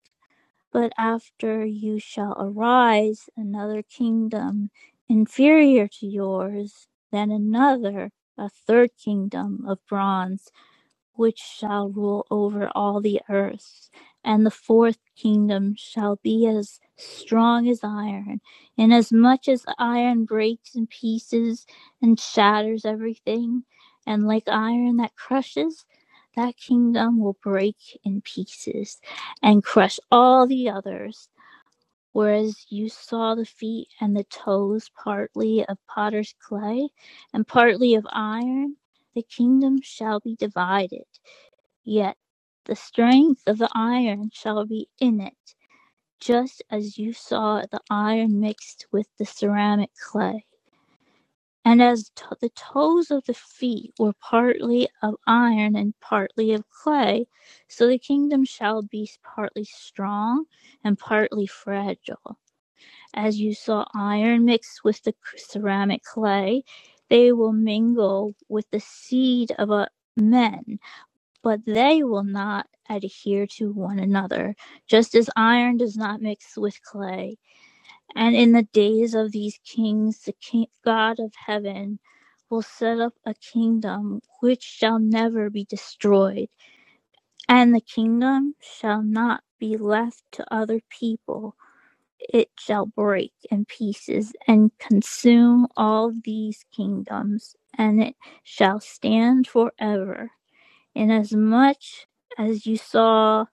[SPEAKER 4] but after you shall arise another kingdom inferior to yours, then another, a third kingdom of bronze which shall rule over all the earth. And the fourth kingdom shall be as strong as iron. Inasmuch as iron breaks in pieces and shatters everything, and like iron that crushes, that kingdom will break in pieces and crush all the others. Whereas you saw the feet and the toes partly of potter's clay and partly of iron, the kingdom shall be divided Yet the strength of the iron shall be in it, just as you saw the iron mixed with the ceramic clay. And as t- the toes of the feet were partly of iron and partly of clay, so the kingdom shall be partly strong and partly fragile. As you saw iron mixed with the ceramic clay, they will mingle with the seed of a men but they will not adhere to one another, just as iron does not mix with clay. And in the days of these kings, the king, God of heaven will set up a kingdom which shall never be destroyed, and the kingdom shall not be left to other people. It shall break in pieces and consume all these kingdoms, and it shall stand forever. Inasmuch as you saw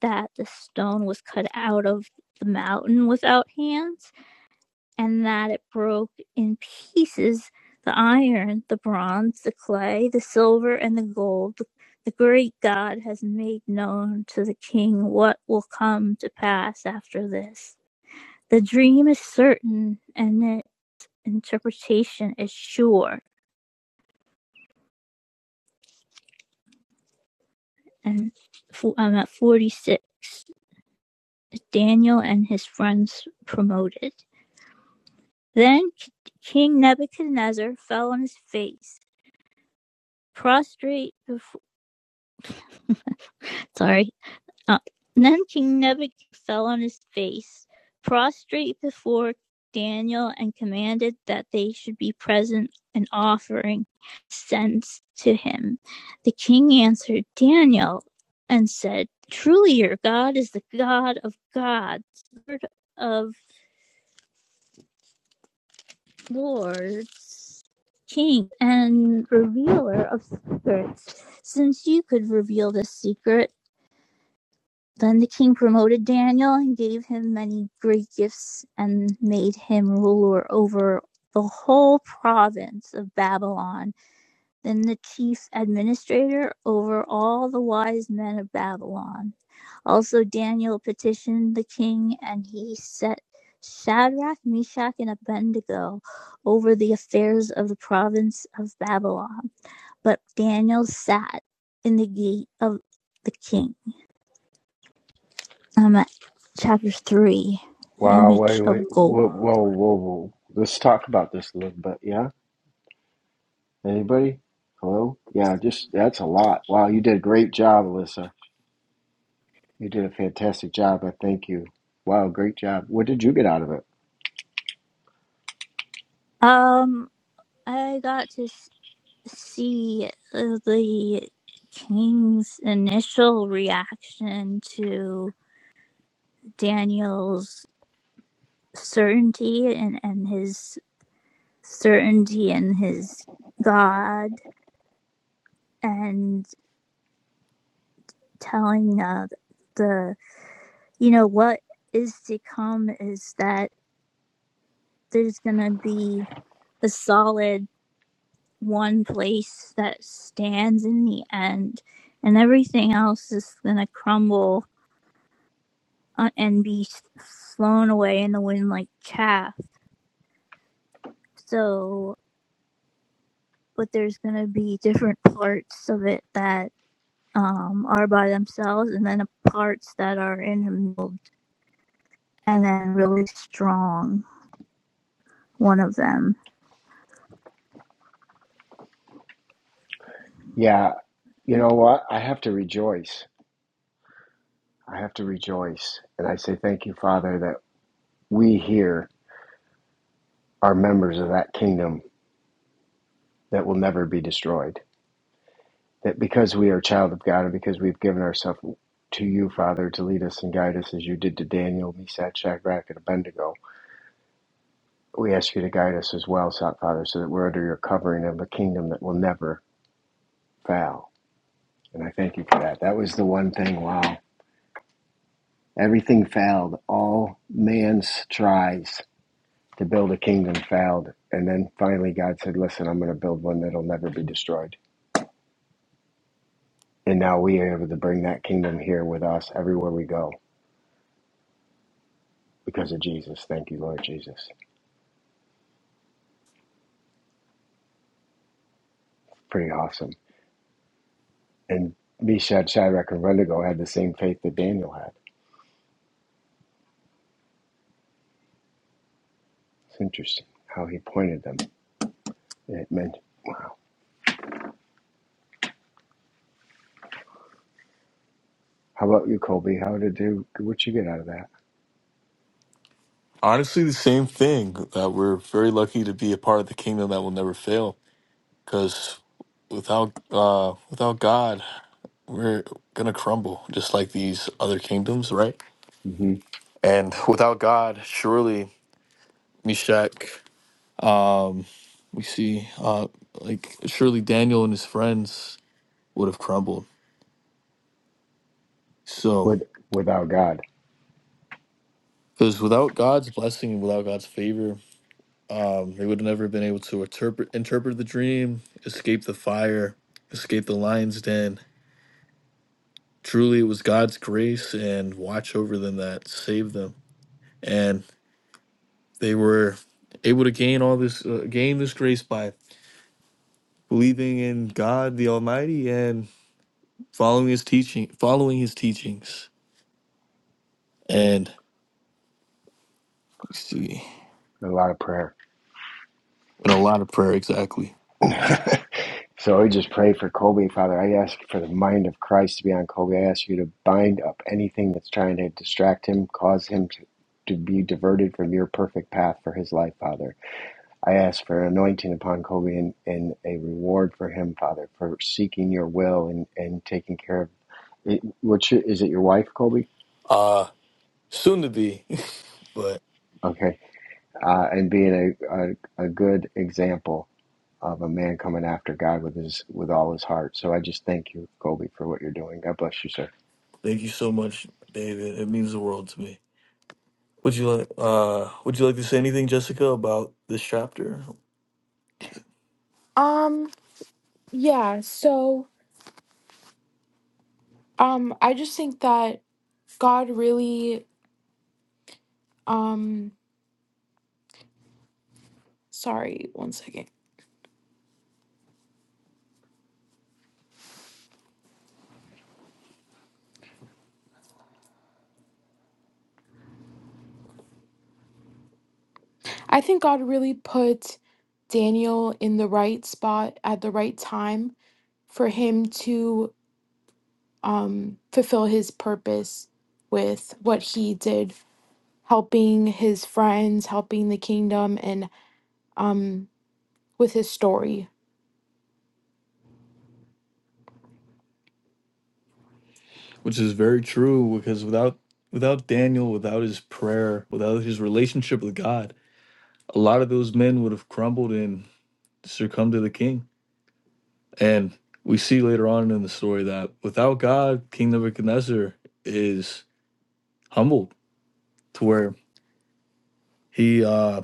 [SPEAKER 4] that the stone was cut out of the mountain without hands, and that it broke in pieces the iron, the bronze, the clay, the silver, and the gold, the great God has made known to the king what will come to pass after this. The dream is certain, and the interpretation is sure. And i I'm at 46. Daniel and his friends promoted. Then King Nebuchadnezzar fell on his face, prostrate before. Sorry. Uh, then King Nebuchadnezzar fell on his face, prostrate before Daniel, and commanded that they should be present and offering sense to him. The king answered Daniel and said, Truly your God is the God of gods, Lord of lords, king, and revealer of secrets. Since you could reveal this secret, then the king promoted Daniel and gave him many great gifts and made him ruler over the whole province of Babylon, then the chief administrator over all the wise men of Babylon. Also, Daniel petitioned the king, and he set Shadrach, Meshach, and Abednego over the affairs of the province of Babylon. But Daniel sat in the gate of the king. I'm at chapter 3, the
[SPEAKER 2] Wow, wait,
[SPEAKER 4] image
[SPEAKER 2] wait,
[SPEAKER 4] of
[SPEAKER 2] whoa,
[SPEAKER 4] gold.
[SPEAKER 2] whoa, whoa, whoa. Let's talk about this a little bit. Yeah? Anybody? Hello? Yeah, just that's a lot. Wow, you did a great job, Alyssa. You did a fantastic job. I thank you. Wow, great job. What did you get out of it?
[SPEAKER 4] Um, I got to see uh, the king's initial reaction to Daniel's certainty and, and his certainty and his God and telling uh, the, you know, what is to come is that there's going to be a solid one place that stands in the end and everything else is going to crumble uh, and be flown away in the wind like chaff. So, but there's going to be different parts of it that um, are by themselves, and then the parts that are in the and then really strong, one of them.
[SPEAKER 2] Yeah, you know what? I have to rejoice. I have to rejoice. And I say thank you, Father, that we here are members of that kingdom that will never be destroyed that because we are a child of God and because we've given ourselves to you, Father, to lead us and guide us as you did to Daniel, Meshach, Shadrach, and Abednego, we ask you to guide us as well, so- Father, so that we're under your covering of a kingdom that will never fail. And I thank you for that. That was the one thing, wow. Everything failed. All man's tries to build a kingdom failed. And then finally, God said, Listen, I'm going to build one that'll never be destroyed. And now we are able to bring that kingdom here with us everywhere we go because of Jesus. Thank you, Lord Jesus. Pretty awesome. And Meshach, Shadrach, and Abednego had the same faith that Daniel had. It's interesting how he pointed them. It meant, wow. How about you, Colby? How did you, what you get out of that?
[SPEAKER 3] Honestly, the same thing that we're very lucky to be a part of the kingdom that will never fail. Because without uh, without God, we're gonna crumble just like these other kingdoms, right?
[SPEAKER 2] hmm
[SPEAKER 3] And without God, surely Meshach, um, we see, uh, like surely Daniel and his friends would have crumbled. So,
[SPEAKER 2] With, without God,
[SPEAKER 3] because without God's blessing and without God's favor, um, they would have never been able to interpret interpret the dream, escape the fire, escape the lion's den. Truly, it was God's grace and watch over them that saved them. and. They were able to gain all this uh, gain this grace by believing in God the Almighty and following His teaching, following His teachings, and let's see,
[SPEAKER 2] a lot of prayer.
[SPEAKER 3] and a lot of prayer exactly.
[SPEAKER 2] so I just pray for Colby, Father. I ask for the mind of Christ to be on Colby. I ask you to bind up anything that's trying to distract him, cause him to, to be diverted from your perfect path for his life, Father I ask for anointing upon Kobe and, and a reward for him, Father, for seeking your will and, and taking care of it. Which is it your wife, Kobe?
[SPEAKER 3] Uh soon to be, but
[SPEAKER 2] Okay. Uh, and being a, a, a good example of a man coming after God with his with all his heart. So I just thank you, Kobe, for what you're doing. God bless you, sir.
[SPEAKER 3] thank you so much, David. It means the world to me. Would you like uh Would you like to say anything, Jessica, about this chapter? Um, yeah, so um I just think that God really um sorry, one second. I think God really put Daniel in the right spot at the right time for him to um, fulfill his purpose with what he did, helping his friends, helping the kingdom, and um, with his story. which is very true because without without Daniel, without his prayer, without his relationship with God, a lot of those men would have crumbled and succumbed to the king. And we see later on in the story that without God, King Nebuchadnezzar is humbled to where he uh,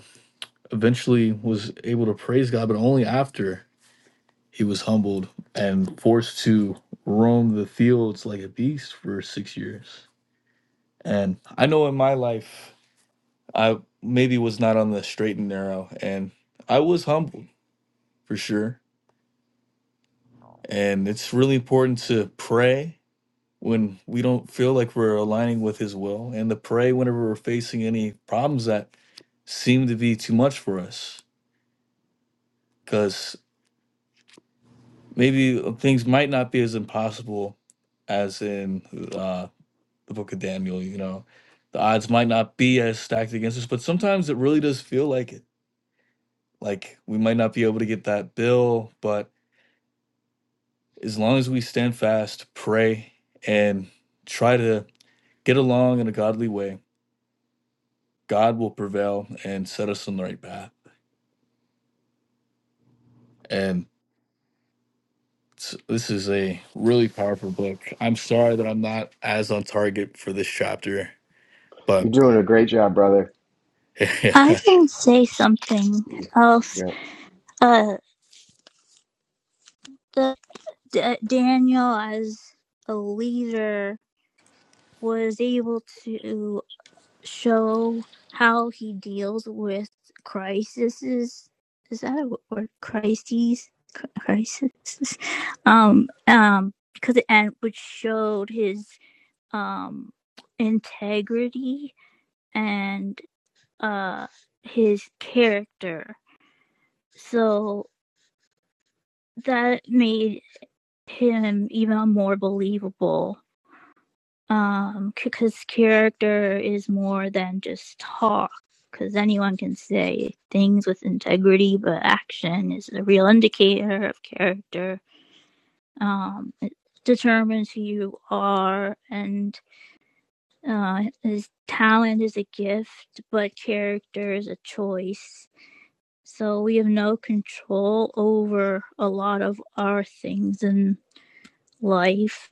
[SPEAKER 3] eventually was able to praise God, but only after he was humbled and forced to roam the fields like a beast for six years. And I know in my life, I maybe was not on the straight and narrow, and I was humbled for sure. And it's really important to pray when we don't feel like we're aligning with his will and to pray whenever we're facing any problems that seem to be too much for us because maybe uh, things might not be as impossible as in uh, the book of daniel you know the odds might not be as stacked against us but sometimes it really does feel like it like we might not be able to get that bill but as long as we stand fast pray and try to get along in a godly way God will prevail and set us on the right path. And s- this is a really powerful book. I'm sorry that I'm not as on target for this chapter, but
[SPEAKER 2] You're doing a great job, brother.
[SPEAKER 4] I can say something else.
[SPEAKER 2] Yeah.
[SPEAKER 4] Uh, the, D- Daniel, as a leader, was able to show how he deals with crises. Is that a word? Crises? Cri- Crisis? Um, um, because it and which showed his um integrity and uh his character. So that made him even more believable um because character is more than just talk because anyone can say things with integrity but action is a real indicator of character um it determines who you are and uh, his talent is a gift, but character is a choice. So we have no control over a lot of our things in life.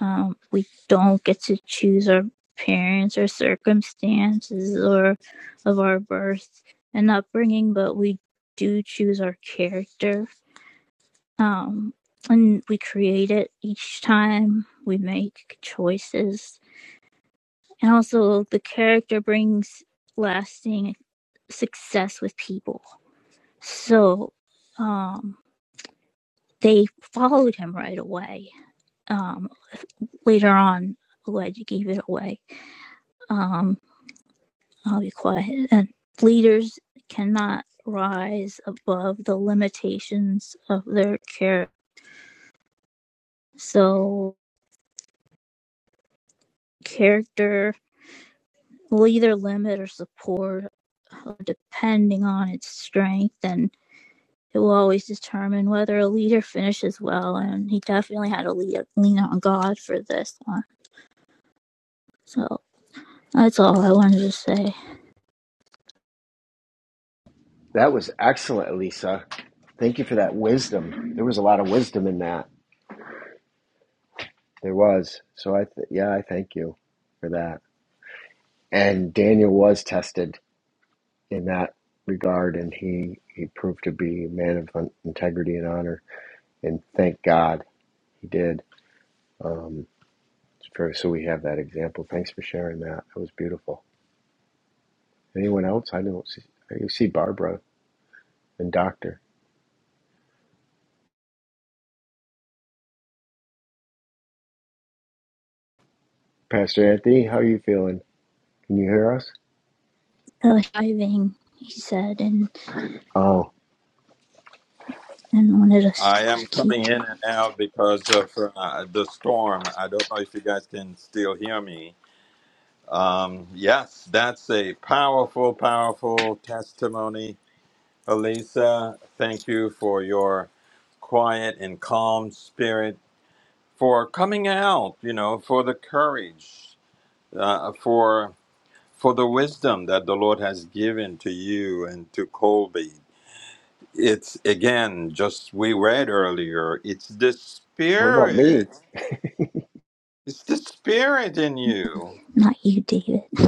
[SPEAKER 4] Um, we don't get to choose our parents or circumstances or of our birth and upbringing, but we do choose our character. Um, and we create it each time we make choices and also the character brings lasting success with people so um they followed him right away um later on elijah gave it away um i'll be quiet and leaders cannot rise above the limitations of their character so character will either limit or support uh, depending on its strength and. It will always determine whether a leader finishes well, and he definitely had to lead, lean on God for this one. So that's all I wanted to say.
[SPEAKER 2] That was excellent, Elisa. Thank you for that wisdom. There was a lot of wisdom in that. There was. So I th- yeah, I thank you for that. And Daniel was tested in that regard, and he, he proved to be a man of integrity and honor. And thank God he did. Um, for, so we have that example. Thanks for sharing that. That was beautiful. Anyone else? I don't see. You see Barbara and Doctor Pastor Anthony. How are you feeling? Can you hear us?
[SPEAKER 4] The diving, he said, and
[SPEAKER 2] Oh,
[SPEAKER 4] and wanted us to
[SPEAKER 1] am
[SPEAKER 4] keep
[SPEAKER 1] coming in and out because of uh, the storm. I don't know if you guys can still hear me. Um, yes, that's a powerful, powerful testimony, Elisa. Thank you for your quiet and calm spirit, for coming out. You know, for the courage, uh, for for the wisdom that the Lord has given to you and to Colby. It's again, just we read earlier. It's the
[SPEAKER 2] what about me?
[SPEAKER 1] spirit. It's the spirit in you.
[SPEAKER 4] not you, David.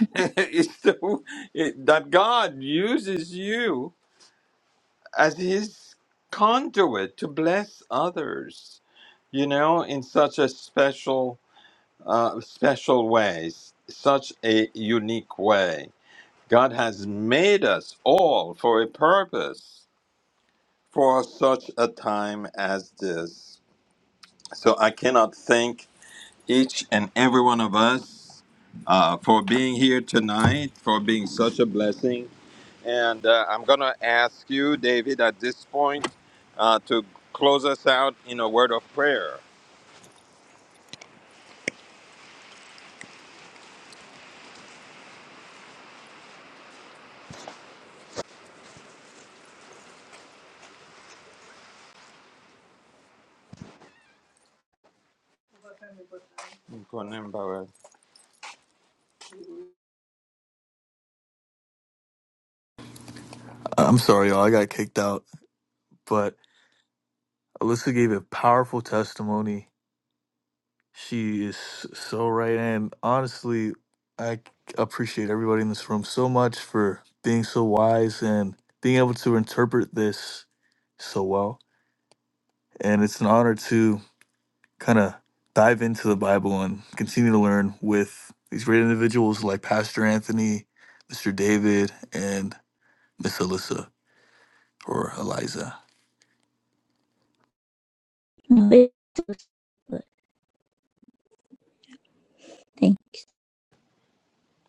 [SPEAKER 1] it's the it, that God uses you as his conduit to bless others, you know, in such a special, uh, special ways, such a unique way. God has made us all for a purpose for such a time as this. So I cannot thank each and every one of us uh, for being here tonight, for being such a blessing and uh, I'm going to ask you, David, at this point uh, to close us out in a word of prayer.
[SPEAKER 3] I'm sorry, y'all. I got kicked out. But Alyssa gave a powerful testimony. She is so right. And honestly, I appreciate everybody in this room so much for being so wise and being able to interpret this so well. And it's an honor to kind of dive into the Bible and continue to learn with these great individuals like Pastor Anthony, Mr. David, and Miss Alyssa or Eliza.
[SPEAKER 4] you. was-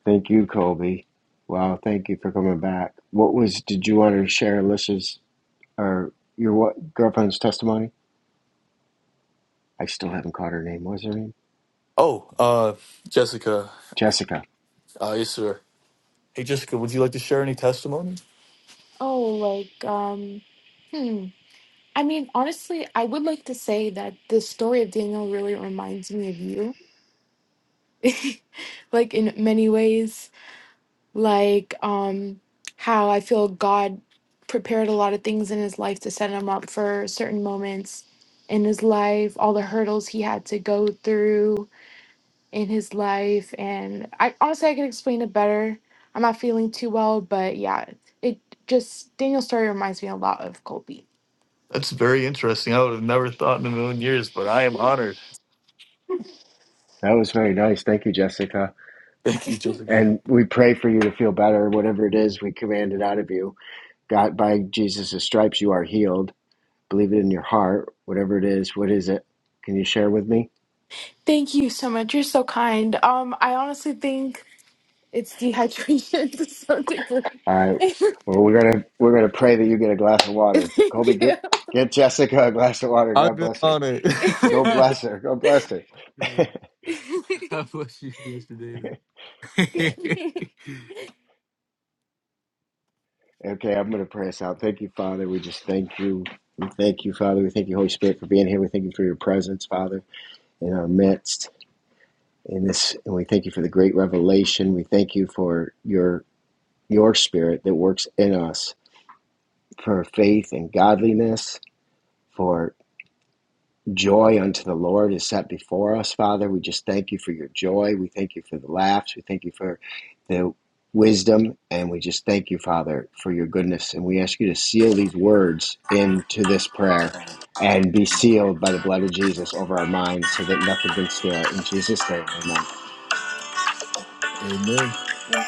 [SPEAKER 2] Thank you, Colby. Wow, thank you for coming back. What was? Did you want to share Alicia's or your what girlfriend's testimony? I still haven't caught her name. What was her name?
[SPEAKER 3] Oh, uh, Jessica,
[SPEAKER 2] Jessica.
[SPEAKER 3] uh, yes, sir. Hey, Jessica, would you like to share any testimony? Oh, like, um, hmm. I mean, honestly, I would like to say that the story of Daniel really reminds me of you, like in many ways. like um how I feel God prepared a lot of things in his life to set him up for certain moments in his life, all the hurdles he had to go through in his life and I honestly I could explain it better. I'm not feeling too well, but yeah, it just Daniel's story reminds me a lot of Colby. That's very interesting. I would have never thought in a million years, but I am honored.
[SPEAKER 2] That was very nice. Thank you, Jessica.
[SPEAKER 3] Thank you, Jessica.
[SPEAKER 2] And we pray for you to feel better. Whatever it is, we command it out of you. God, by Jesus' stripes, you are healed. Believe it in your heart. Whatever it is, what is it? Can you share with me?
[SPEAKER 3] Thank you so much. You're so kind. Um I honestly think It's dehydration to some degree.
[SPEAKER 2] All right. Well, we're gonna we're gonna pray that you get a glass of water.
[SPEAKER 3] Thank
[SPEAKER 2] Colby,
[SPEAKER 3] you.
[SPEAKER 2] get get Jessica a glass of water.
[SPEAKER 3] I've
[SPEAKER 2] God
[SPEAKER 3] been
[SPEAKER 2] bless her.
[SPEAKER 3] on it.
[SPEAKER 2] Go bless her. Go bless her.
[SPEAKER 3] God bless you, Mr. David.
[SPEAKER 2] Yeah. Okay, I'm going to pray us out. Thank you, Father. We just thank you. We thank you, Father. We thank you, Holy Spirit, for being here. We thank you for your presence, Father, in our midst. In this, and we thank you for the great revelation. We thank you for your your Spirit that works in us for faith and godliness, for joy unto the Lord is set before us, Father. We just thank you for your joy. We thank you for the laughs. We thank you for the wisdom. And we just thank you, Father, for your goodness. And we ask you to seal these words into this prayer and be sealed by the blood of Jesus over our minds so that nothing can steal it. In Jesus' name, amen.
[SPEAKER 3] Amen. God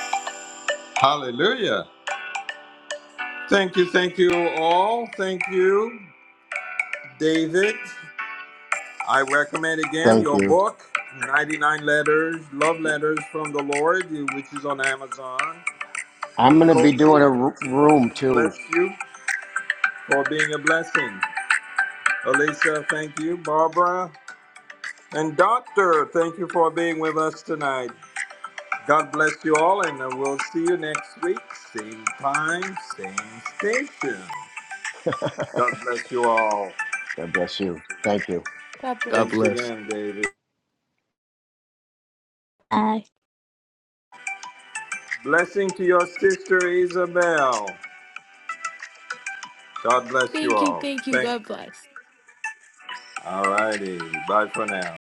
[SPEAKER 1] Hallelujah. Thank you, thank you all. Thank you, David. I recommend again
[SPEAKER 2] Thank
[SPEAKER 1] your
[SPEAKER 2] you.
[SPEAKER 1] book, 99 Letters, Love Letters from the Lord, which is on Amazon.
[SPEAKER 2] I'm going to be
[SPEAKER 1] Colby,
[SPEAKER 2] doing
[SPEAKER 1] we
[SPEAKER 2] a r-
[SPEAKER 1] continue
[SPEAKER 2] room
[SPEAKER 1] to
[SPEAKER 2] too.
[SPEAKER 1] bless you for being a blessing. Alicia, thank you. Barbara and Doctor, thank you for being with us tonight. God bless you all, and uh, we'll see you next week. Same time, same station. God bless you all.
[SPEAKER 2] God bless you. Thank you.
[SPEAKER 3] bless. God
[SPEAKER 1] Thanks
[SPEAKER 3] bless.
[SPEAKER 1] again, David. Blessing to your sister Isabel. God bless you
[SPEAKER 3] Thank you.
[SPEAKER 1] all.
[SPEAKER 3] Thank you.
[SPEAKER 1] Thank
[SPEAKER 3] God
[SPEAKER 1] you.
[SPEAKER 3] bless.
[SPEAKER 1] All righty. Bye for now.